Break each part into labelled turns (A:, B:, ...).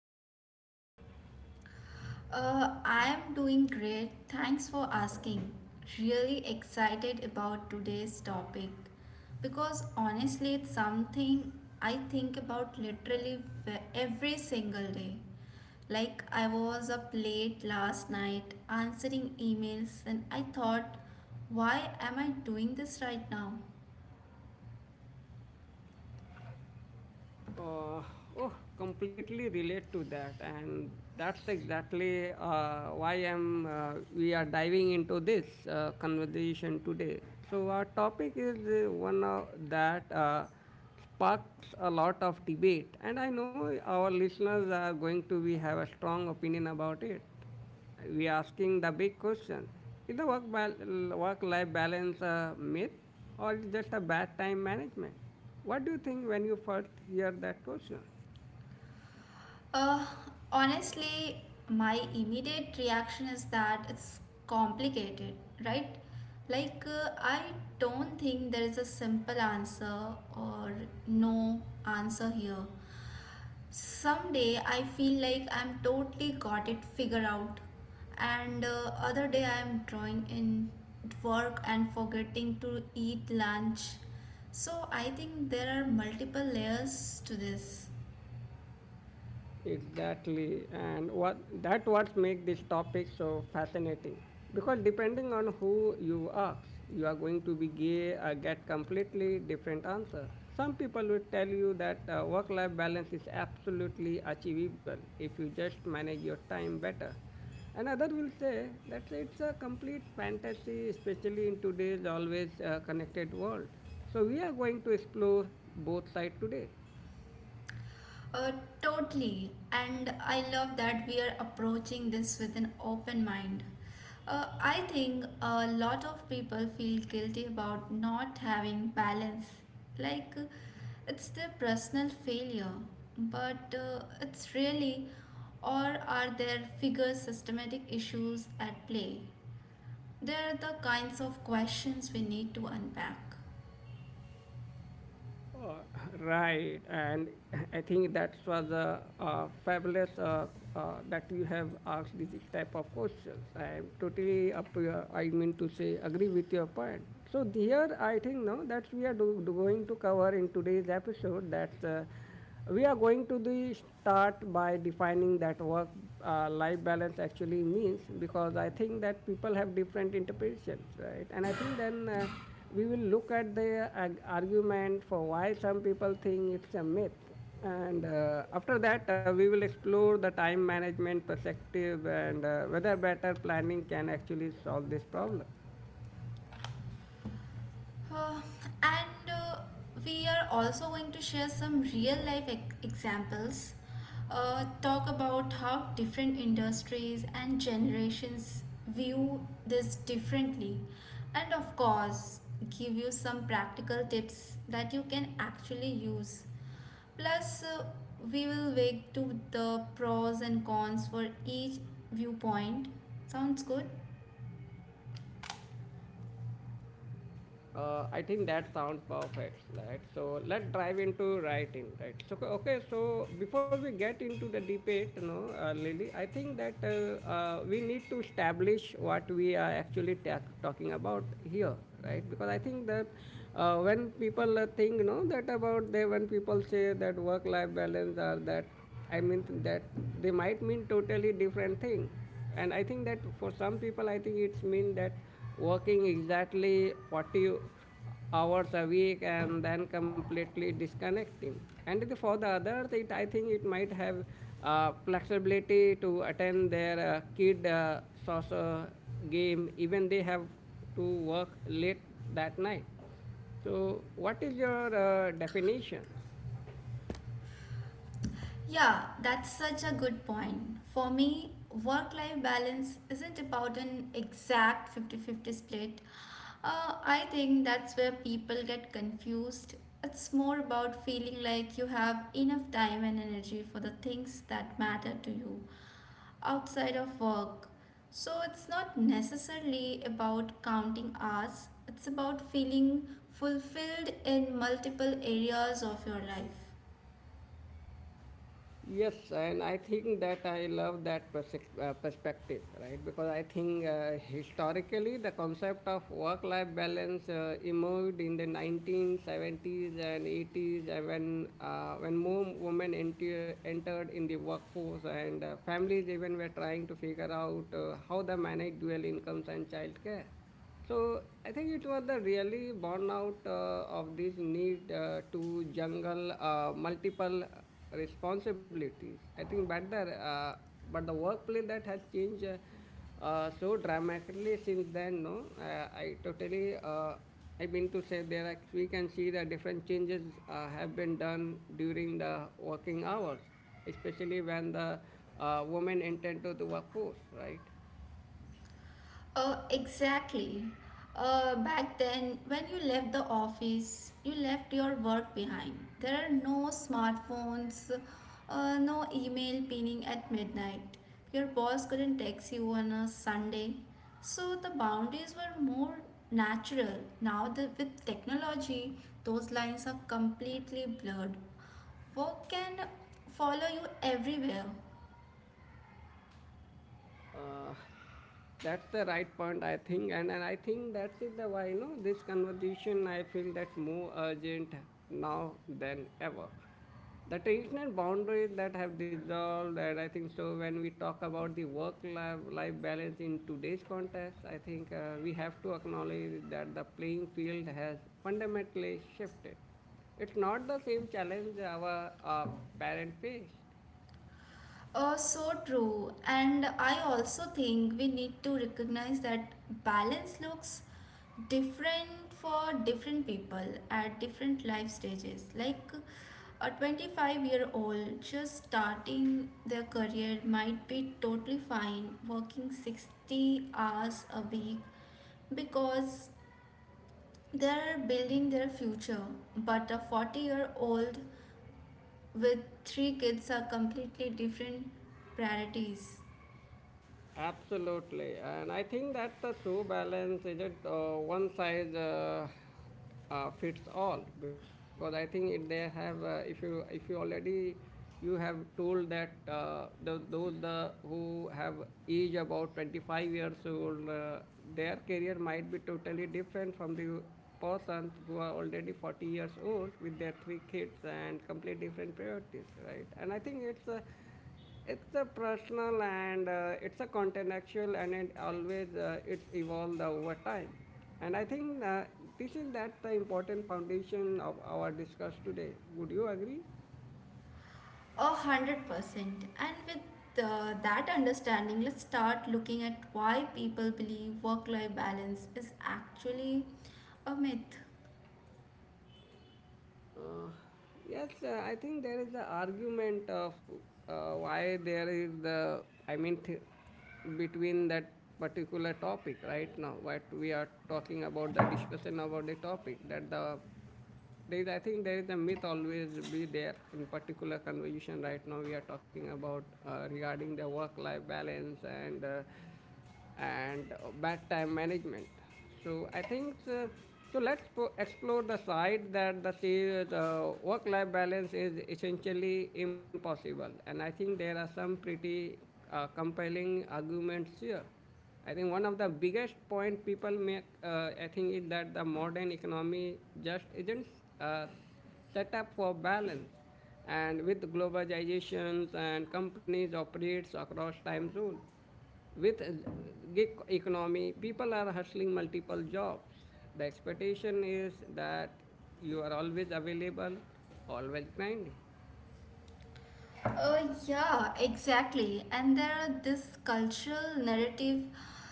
A: doing today?
B: I'm doing great. Thanks for asking. Really excited about today's topic because honestly, it's something I think about literally every single day. Like, I was up late last night answering emails, and I thought, why am I doing this right now?
A: Uh, oh, completely relate to that, and that's exactly why I'm. We are diving into this conversation today. So our topic is one of that sparks a lot of debate, and I know our listeners are going to be have a strong opinion about it. We are asking the big questions. Is the work-life balance a myth or is just a bad time management? What do you think when you first hear that question?
B: Uh, honestly, my immediate reaction is that it's complicated, right? I don't think there is a simple answer or no answer here. Someday I feel like I'm totally got it figured out, and other day I'm drawing in work and forgetting to eat lunch. So I think there are multiple layers to this.
A: Exactly, and what that what make this topic so fascinating. Because depending on who you ask, you are going to be gay or get completely different answer. Some people will tell you that work-life balance is absolutely achievable if you just manage your time better. Another will say that it's a complete fantasy, especially in today's always connected world. So we are going to explore both sides today.
B: Uh, totally. And I love that we are approaching this with an open mind. I think a lot of people feel guilty about not having balance. Like uh, it's their personal failure. But it's really, or are there figure systematic issues at play? They're the kinds of questions we need to unpack.
A: Uh, right, and I think that was fabulous that you have asked this type of questions. I am totally up. Your, I mean to say, agree with your point. So here, I think now that we are do, do going to cover in today's episode. That's we are going to the start by defining that work life balance actually means, because I think that people have different interpretations, right? And I think then we will look at the argument for why some people think it's a myth, and after that we will explore the time management perspective, and whether better planning can actually solve this problem.
B: Uh, and We are also going to share some real life examples, talk about how different industries and generations view this differently, and of course, give you some practical tips that you can actually use. Plus, we will weigh to the pros and cons for each viewpoint. Sounds good?
A: I think that sounds perfect, right? So let's dive into writing, right? So before we get into the debate, you know, Lily, I think that we need to establish what we are actually talking about here, right? Because I think that when people think, you know, that about they when people say that work-life balance or that, I mean that they might mean totally different thing, and I think that for some people I think it's mean that working exactly 40 hours a week and then completely disconnecting, and for the others it I think it might have flexibility to attend their kid soccer game even they have to work late that night. So what is your definition?
B: Yeah, that's such a good point. For me, work life balance isn't about an exact 50-50 split. I think that's where people get confused. It's more about feeling like you have enough time and energy for the things that matter to you outside of work. So it's not necessarily about counting hours, it's about feeling fulfilled in multiple areas of your life.
A: Yes, and I think that I love that perspective, right? Because I think historically the concept of work life balance emerged in the 1970s and 80s when more women entered in the workforce, and families even were trying to figure out how they manage dual incomes and childcare. So I think it was the really burnout of this need to jungle multiple responsibilities. I think better, but the workplace that has changed so dramatically since then. No, I totally. I mean to say there are, we can see the different changes have been done during the working hours, especially when the women enter to the workforce, right?
B: Exactly. Back then, when you left the office, you left your work behind. There are no smartphones, no email pinging at midnight. Your boss couldn't text you on a Sunday. So the boundaries were more natural. Now, that with technology, those lines are completely blurred. Work can follow you everywhere.
A: Uh, That's the right point, I think, and I think that's is the why, you know, this conversation I feel that more urgent now than ever. The traditional boundaries that have dissolved, and I think so. When we talk about the work-life life life balance in today's context, I think we have to acknowledge that the playing field has fundamentally shifted. It's not the same challenge our parent faced.
B: So true. And I also think we need to recognize that balance looks different for different people at different life stages. Like a 25-year-old just starting their career might be totally fine working 60 hours a week because they're building their future. But a 40-year-old with three kids are completely different priorities.
A: Absolutely, and I think that the shoe balance is it one size fits all, because I think it, they have if you already you have told that the, those the who have age about 25 years old, their career might be totally different from the person who are already 40 years old with their three kids and complete different priorities, right? And I think it's a, it's a personal, and it's a contextual, and it always it's evolved over time, and I think this is that the important foundation of our discuss today. Would you agree?
B: 100%. And with that understanding, let's start looking at why people believe work life balance is actually a myth.
A: Uh, yes, I think there is the argument of why there is the, I mean, between that particular topic right now, what we are talking about, the discussion about the topic, that the there is, I think there is a myth always be there in particular conversation right now we are talking about regarding the work-life balance and bad time management. So I think Let's explore the side that the, the work-life balance is essentially impossible, and I think there are some pretty compelling arguments here. I think one of the biggest point people make, I think, is that the modern economy just isn't uh, set up for balance. And with globalizations and companies operates across time zones, with gig economy, people are hustling multiple jobs. The expectation is that you are always available, always grinding.
B: Yeah, exactly. And there are this cultural narrative,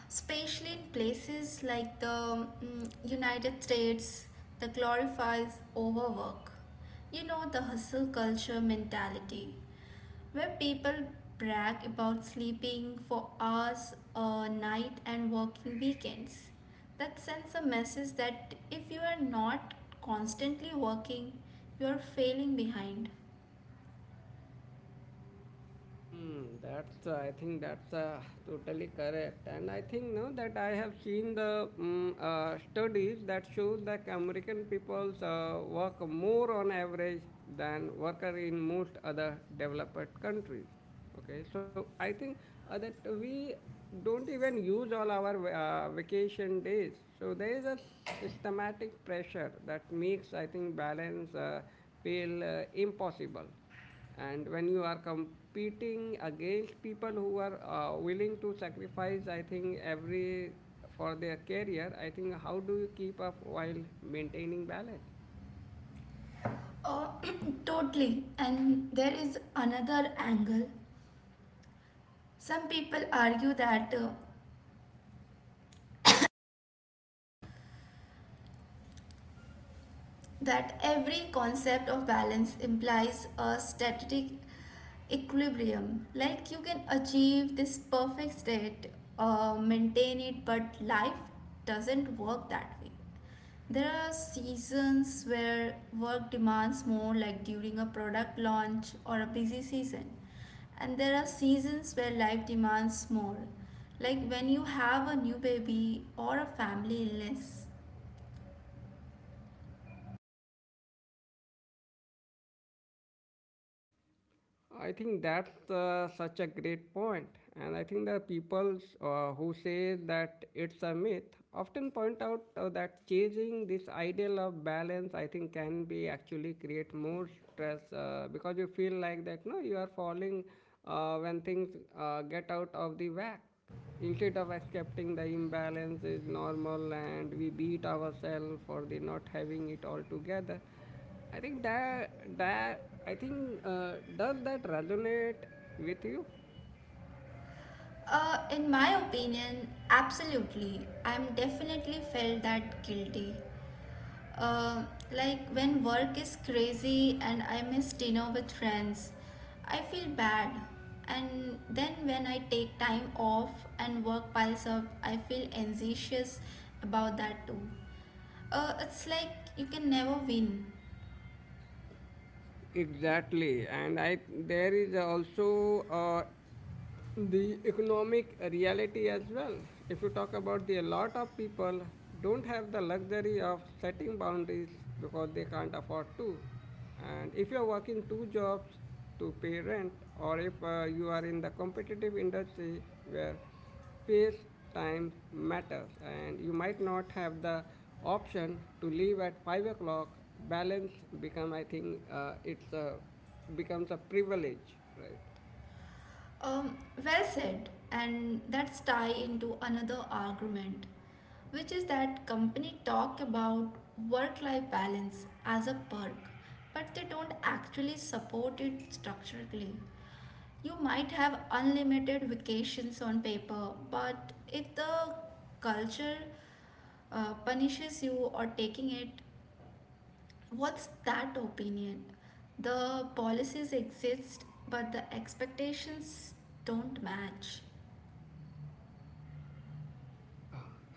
B: especially in places like the United States, that glorifies overwork. You know, the hustle culture mentality. When people brag about sleeping for hours a night and working weekends. That sends a message that if you are not constantly working, you are failing behind.
A: Hmm, that's I think that's totally correct, and I think now that I have seen the studies that shows that American peoples work more on average than worker in most other developed countries. Okay, so I think that we don't even use all our vacation days, so there is a systematic pressure that makes I think balance feel impossible. And when you are competing against people who are willing to sacrifice, I think, every for their career, I think how do you keep up while maintaining balance?
B: Oh, totally. And there is another angle. Some people argue that that every concept of balance implies a static equilibrium. Like you can achieve this perfect state, maintain it, but life doesn't work that way. There are seasons where work demands more, like during a product launch or a busy season, and there are seasons where life demands more, like when you have a new baby or a family illness.
A: I think that's such a great point, and I think the people who say that it's a myth often point out that changing this ideal of balance, I think, can be actually create more stress because you feel like that no, you are falling when things get out of the whack. Instead of accepting the imbalance is normal and we beat ourselves for the not having it all together. I think does that resonate with you?
B: In my opinion, absolutely. I'm definitely felt that guilty. Uh, like when work is crazy and I miss dinner with friends, I feel bad. And then when I take time off and work piles up, I feel anxious about that too. It's like you can never win.
A: Exactly, and I there is also the economic reality as well if you talk about the a lot of people don't have the luxury of setting boundaries because they can't afford to, and if you're working two jobs to pay rent, or if you are in the competitive industry where space time matters and you might not have the option to leave at 5 o'clock, balance become I think it's a becomes a privilege, right?
B: Um, well said, and that's tie into another argument, which is that company talk about work-life balance as a perk, but they don't actually support it structurally. You might have unlimited vacations on paper, but if the culture punishes you or taking it, what's that opinion? The policies exist, but the expectations don't match.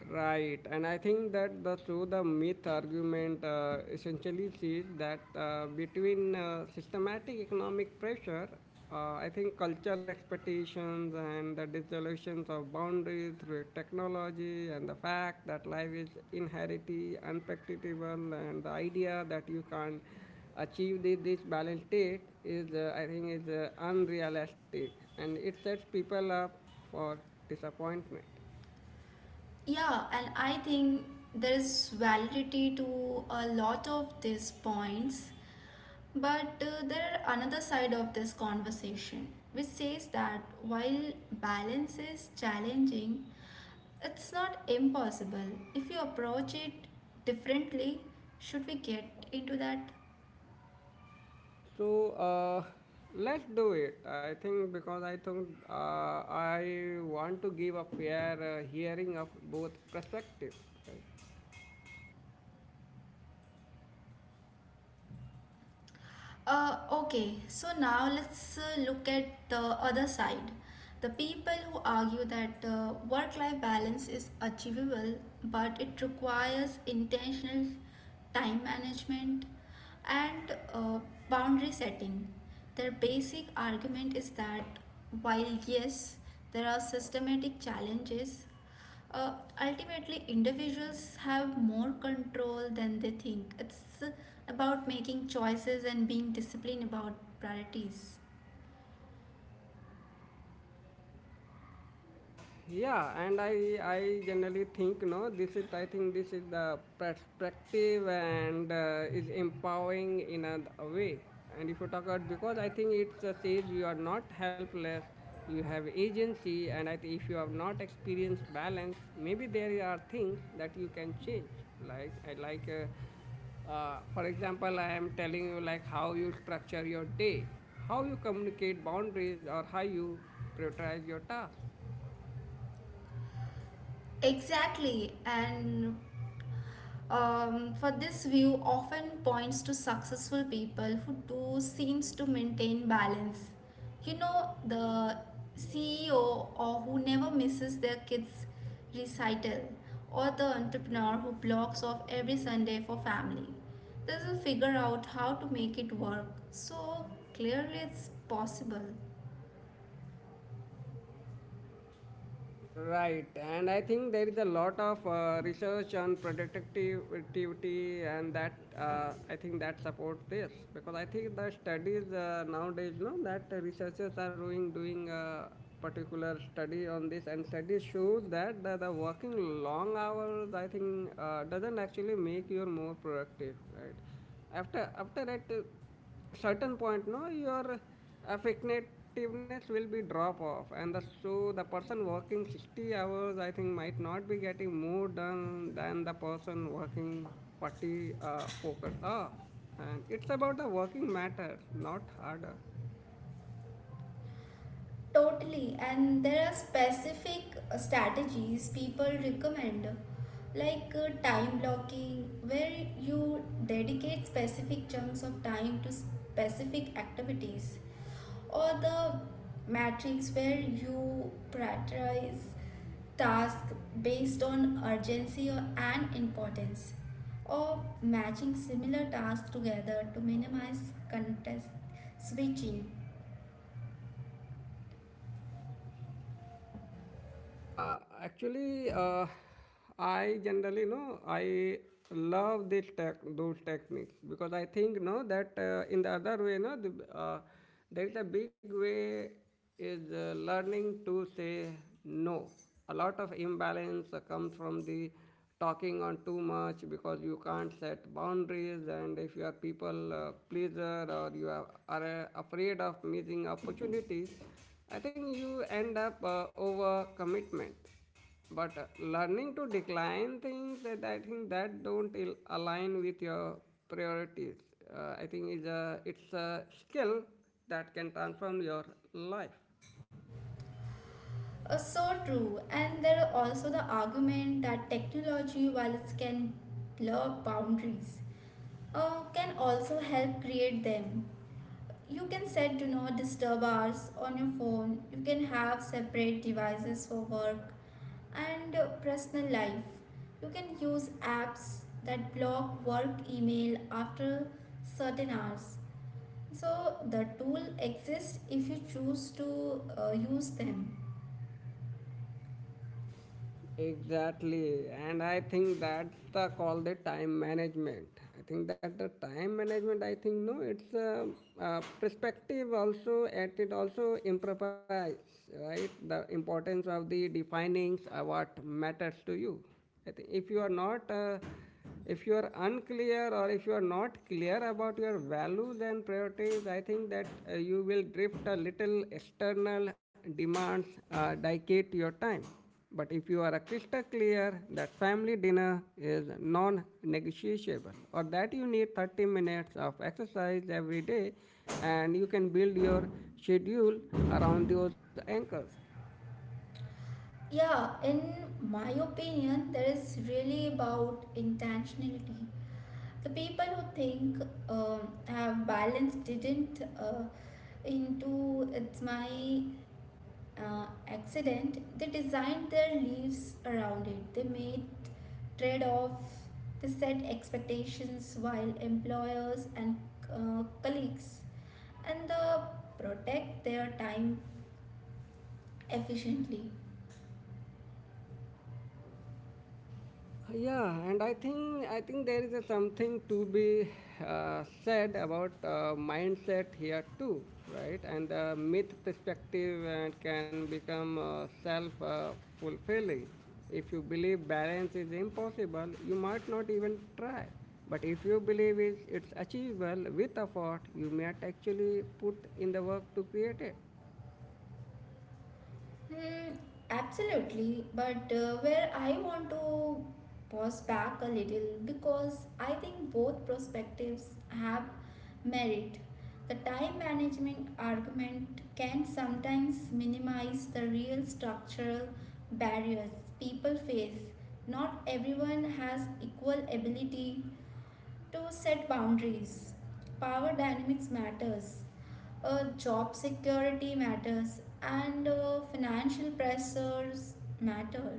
A: Right, and I think that the through the myth argument essentially says that between systematic economic pressure, I think cultural expectations and the dissolutions of boundaries through technology, and the fact that life is inherently unpredictable, and the idea that you can achieve the, this balance state is, I think, is unrealistic, and it sets people up for disappointment.
B: Yeah, and I think there is validity to a lot of these points, but there are another side of this conversation which says that while balance is challenging, it's not impossible. If you approach it differently, should we get into that?
A: So uh, let's do it. I think because I think I want to give a fair hearing of both perspectives. Right?
B: Okay, so now let's look at the other side. The people who argue that work life balance is achievable but it requires intentional time management and boundary setting. Their basic argument is that while yes, there are systematic challenges, uh, ultimately, individuals have more control than they think. It's about making choices and being disciplined about priorities.
A: Uh, yeah, and I generally think no, this is I think this is the perspective and is empowering in a way. And if you talk about because I think it says you are not helpless, you have agency, and I think if you have not experienced balance, maybe there are things that you can change. Like I like. For example, I am telling you like how you structure your day, how you communicate boundaries, or how you prioritize your tasks.
B: Exactly. And Um, for this view often points to successful people who do seems to maintain balance. You know the CEO or who never misses their kids' recital, or the entrepreneur who blocks off every Sunday for family. This will figure out how to make it work. So clearly, it's possible.
A: Right, and I think there is a lot of research on productivity, and that I think that supports this because I think the studies nowadays, no, that researchers are doing a particular study on this, and studies shows that the working long hours, I think, doesn't actually make you more productive, right? After that. Certain point no your effectiveness will be drop off, and the, so the person working 60 hours I think might not be getting more done than the person working 40 focus hours, and it's about the working matters not harder.
B: Totally, and there are specific strategies people recommend, like time blocking, where you dedicate specific chunks of time to specific activities, or the matrix where you prioritize tasks based on urgency and importance, or matching similar tasks together to minimize context switching.
A: Yeah, actually, I generally know I love this those techniques, because I think no that in the other way no the, there is a big way is learning to say no. A lot of imbalance comes from the talking on too much because you can't set boundaries, and if you are people pleaser or you are afraid of missing opportunities, I think you end up over commitment. But learning to decline things that I think that don't align with your priorities, I think is a it's a skill that can transform your life.
B: So true. And there are also the argument that technology, while it can blur boundaries, can also help create them. You can set do not disturb hours on your phone. You can have separate devices for work and personal life. You can use apps that block work email after certain hours. So the tool exists if you choose to use them.
A: Exactly, and I think that's the call the time management. I think that the time management. I think no, it's a perspective also. At it also improvise, right? The importance of the defining what matters to you. I think if you are not if you are unclear or if you are not clear about your values and priorities, I think that you will drift a little external demands dictate your time. But if you are a crystal clear that family dinner is non negotiable, or that you need 30 minutes of exercise every day, and you can build your schedule around those anchors.
B: Yeah, in my opinion, that is really about intentionality. The people who think um have balance didn't into it's my accident. They designed their lives around it. They made trade off. They set expectations while employers and colleagues and they protect their time efficiently.
A: Yeah, and I think there is a something to be said about mindset here too, right? And the myth perspective can become self fulfilling. If you believe balance is impossible, you might not even try. But if you believe it's achievable with effort, you might actually put in the work to create it.
B: Hmm, absolutely, but where I want to pause back a little because I think both perspectives have merit. The time management argument can sometimes minimize the real structural barriers people face. Not everyone has equal ability to set boundaries. Power dynamics matters, job security matters, and financial pressures matter.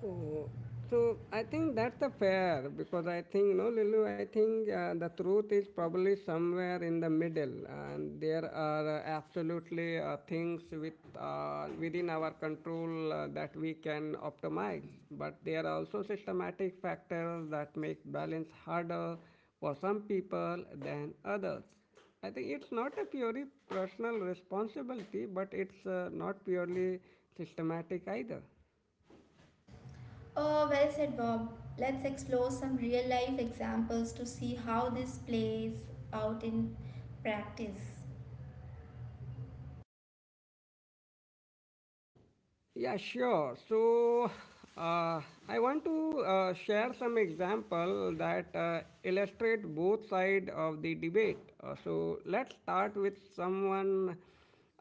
A: Oh, so I think that's a fair, because I think no, Lulu. I think the truth is probably somewhere in the middle, and there are absolutely things with within our control that we can optimize. But there are also systematic factors that make balance harder for some people than others. I think it's not a purely personal responsibility, but it's not purely systematic either.
B: Well said, Bob. Let's explore some real life examples to see how this plays out in practice.
A: Yeah, sure. So uh, I want to share some example that illustrate both side of the debate. So let's start with someone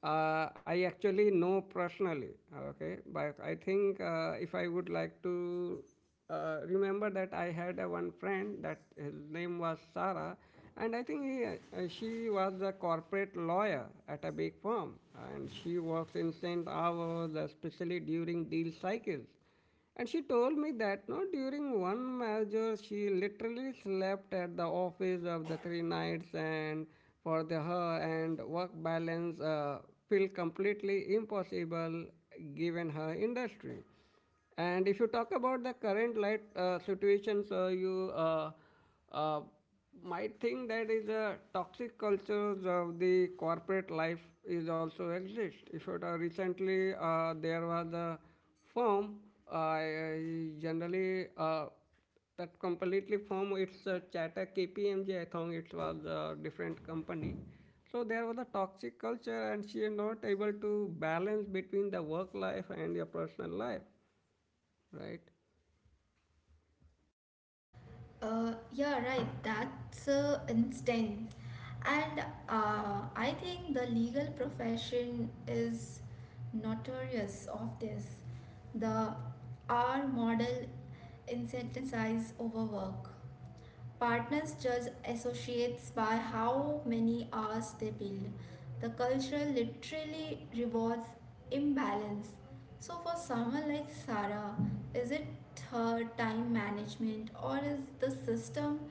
A: I actually know personally. Okay, but I think if I would like to remember that I had a one friend that his name was Sarah, and I think he, she was a corporate lawyer at a big firm, and she works insane hours, especially during deal cycles. And she told me that no, during one merger, she literally slept at the office of the three nights, and for the her and work balance feel completely impossible given her industry. And if you talk about the current light situations, you uh, might think that is a toxic cultures of the corporate life is also exist. If it recently there was a firm, I generally that completely firm it's a chatter KPMG. I think it was a different company. So there was a toxic culture, and she is not able to balance between the work life and your personal life. Right,
B: Yeah, right. That's instant. And I think the legal profession is notorious of this. The R model incentivizes overwork. Partners judge associates by how many hours they build. The culture literally rewards imbalance. So, for someone like Sarah, is it her time management or is the system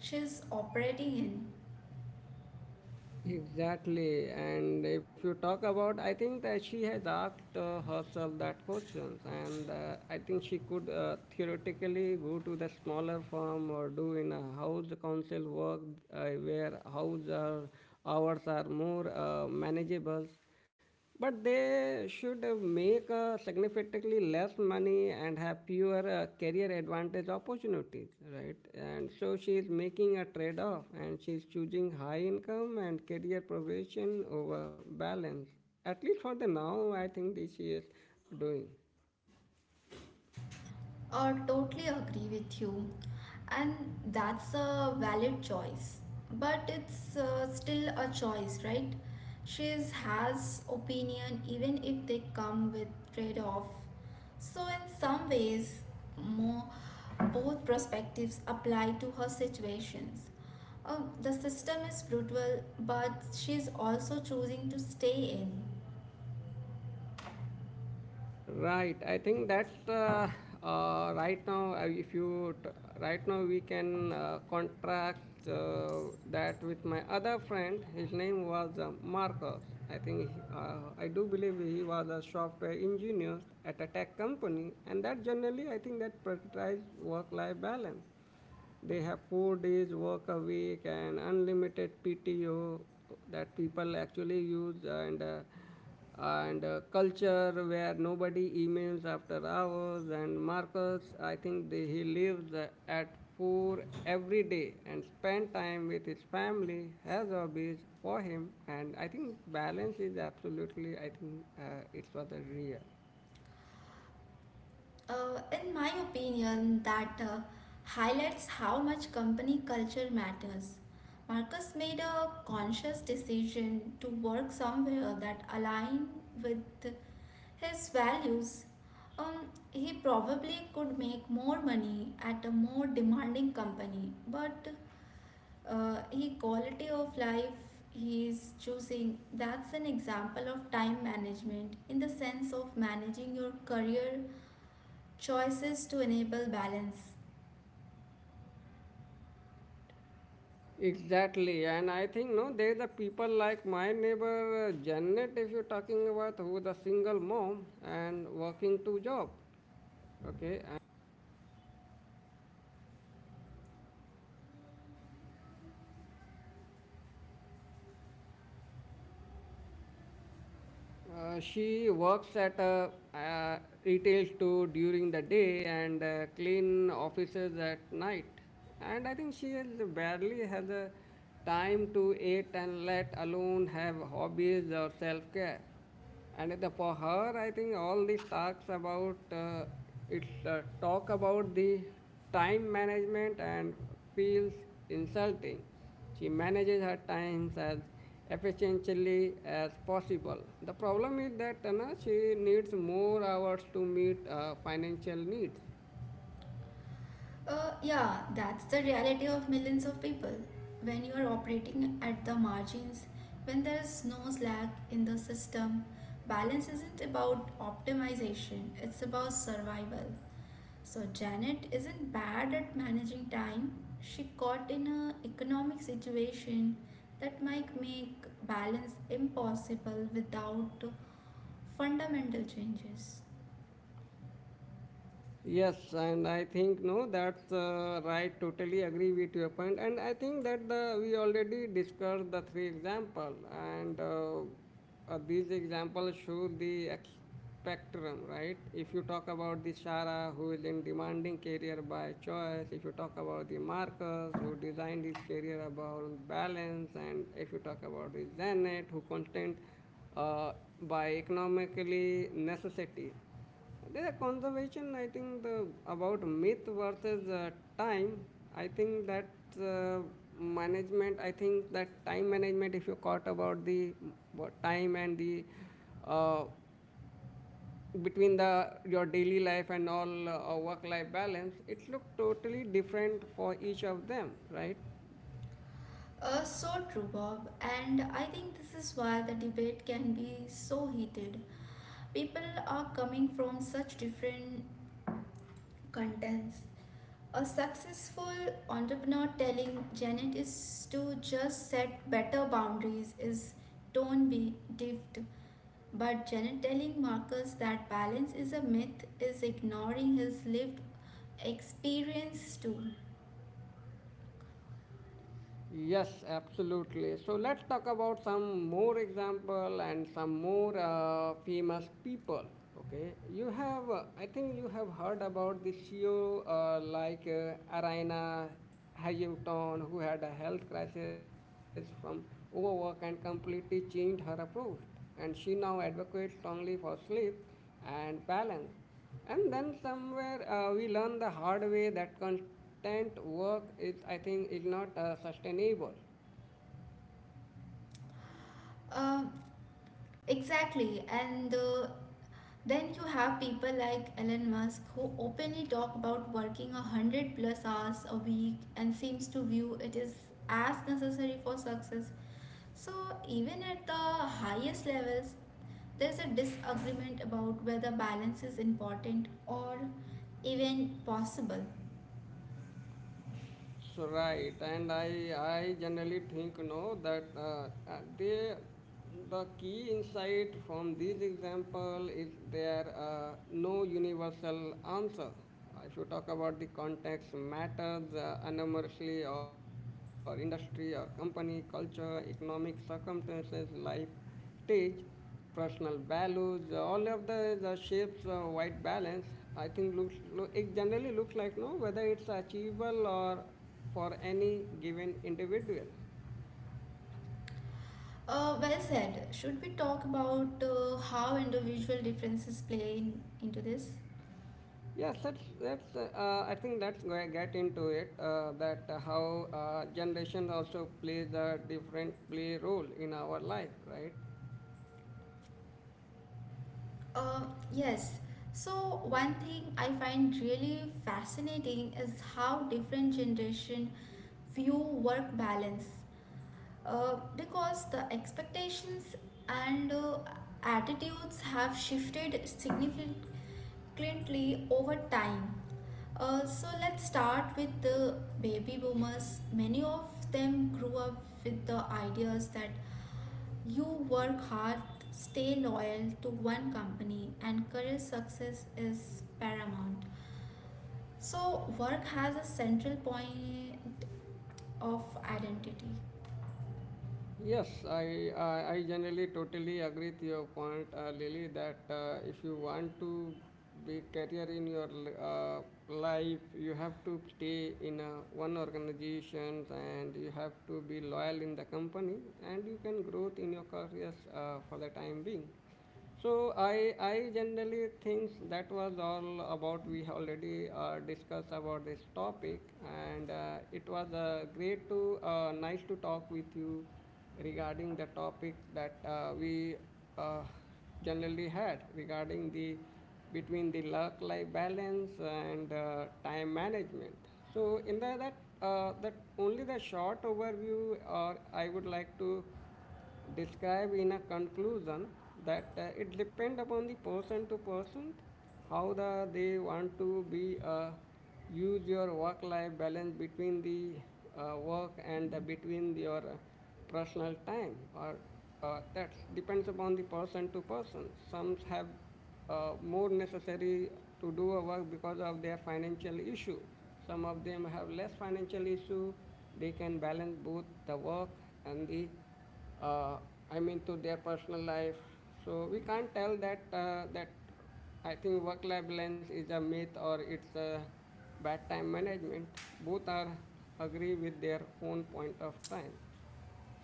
B: she's operating in?
A: exactly. And if you talk about, I think that she has asked herself that questions, and I think she could theoretically go to the smaller firm or do in a house council work, uh, where house are, hours are more manageable. But they should make significantly less money and have fewer career advantage opportunities, right? And so she is making a trade off, and she's choosing high income and career progression over balance. At least for the now, I think this she is doing.
B: Totally agree with you, and that's a valid choice. But it's still a choice, right? She has opinion even if they come with trade-off. So in some ways, more both perspectives apply to her situations. The system is brutal, but she's also choosing to stay in.
A: Right, I think that's the right now. If you t- Right now we can contrast that with my other friend. His name was Marcus. I think he, I do believe he was a software engineer at a tech company, and that generally I think that prioritized work-life balance. They have 4 days work a week and unlimited PTO that people actually use, and culture where nobody emails after hours. And Marcus, I think they, he lives at 4 every day and spend time with his family, has hobbies for him, and I think balance is absolutely, I think it's rather real.
B: In my opinion, that highlights how much company culture matters. Marcus made a conscious decision to work somewhere that aligned with his values. He probably could make more money at a more demanding company, but he quality of life he's choosing that's an example of time management in the sense of managing your career choices to enable balance.
A: Exactly, and I think no, there is a people like my neighbor Janet, if you're talking about, who is a single mom and working two job. Okay, she works at a retail store during the day, and clean offices at night. And I think she has barely has a time to eat, and let alone have hobbies or self care. For her, I think all this talks about it's talk about the time management and feels insulting. She manages her times as efficiently as possible. The problem is that she needs more hours to meet financial needs.
B: Yeah, that's the reality of millions of people. When you are operating at the margins, when there is no slack in the system, balance isn't about optimization, it's about survival. So, Janet isn't bad at managing time. She caught in an economic situation that might make balance impossible without fundamental changes.
A: Yes, and I think no, that's right. Totally agree with your point, and I think that the we already discussed the three example, and these examples show the spectrum, right? If you talk about the Shara who is in demanding career by choice, if you talk about the Marcus who designed his career about balance, and if you talk about the Zanet who constant uh, by economically necessity, the conservation, I think the about myth versus time. I think that uh, management. I think that time management. If you caught about the time and the uh, between the your daily life and all work life balance, it looked totally different for each of them, right?
B: So true, Bob. And I think this is why the debate can be so heated. People are coming from such different contents. A successful entrepreneur telling Janet is to just set better boundaries is don't be diffed. But Janet telling Marcus that balance is a myth is ignoring his lived experience too.
A: Yes, absolutely. So let's talk about some more example and some more famous people. Okay, you have, I think you have heard about the CEO like Araina Hayuton, who had a health crisis from overwork and completely changed her approach. And she now advocates strongly for sleep and balance. And then somewhere we learn the hard way that constant work I think, is not sustainable.
B: Uh, exactly, and then you have people like Elon Musk who openly talk about working 100 plus hours a week and seems to view it is as necessary for success. So even at the highest levels, there's a disagreement about whether balance is important or even possible.
A: So right, and I generally think no that uh, they the key insight from this example is there no universal answer. If you talk about the context matters enormously, or industry, or company, culture, economic circumstances, life teach personal values, all of the shapes white balance, I think looks look it generally looks like no whether it's achievable or for any given individual.
B: Well said. Should we talk about how individual differences play into this?
A: Yes, that's I think that's where I get into it, that how generation also plays a different play role in our life, right?
B: Uh, yes. So one thing I find really fascinating is how different generation view work balance. Because the expectations and attitudes have shifted significantly over time. So let's start with the baby boomers. Many of them grew up with the ideas that you work hard, stay loyal to one company, and career success is paramount. So, work has a central point of identity.
A: Yes, I generally totally agree with your point, Lily, that if you want to be career in your uh, life, you have to stay in a, one organization, and you have to be loyal in the company, and you can grow in your careers for the time being. So I generally think that was all about. We have already discussed about this topic, and it was great to nice to talk with you regarding the topic that we uh, generally had regarding the between the work life balance and time management. So in the that that only the short overview, or I would like to describe in a conclusion that it depend upon the person to person how the they want to be use your work life balance between the work and the between your personal time, or that depends upon the person to person. Some have more necessary to do a work because of their financial issue. Some of them have less financial issue, they can balance both the work and the, uh, I mean, to their personal life. So we can't tell that I think work-life balance is a myth or it's a bad time management. Both are agree with their own point of time.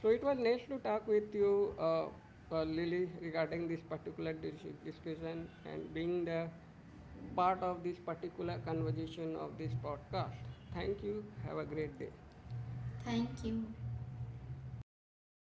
A: So it was nice to talk with you, Lily, regarding this particular discussion, and being the part of this particular conversation of this podcast. Thank you. Have a great day.
B: Thank you.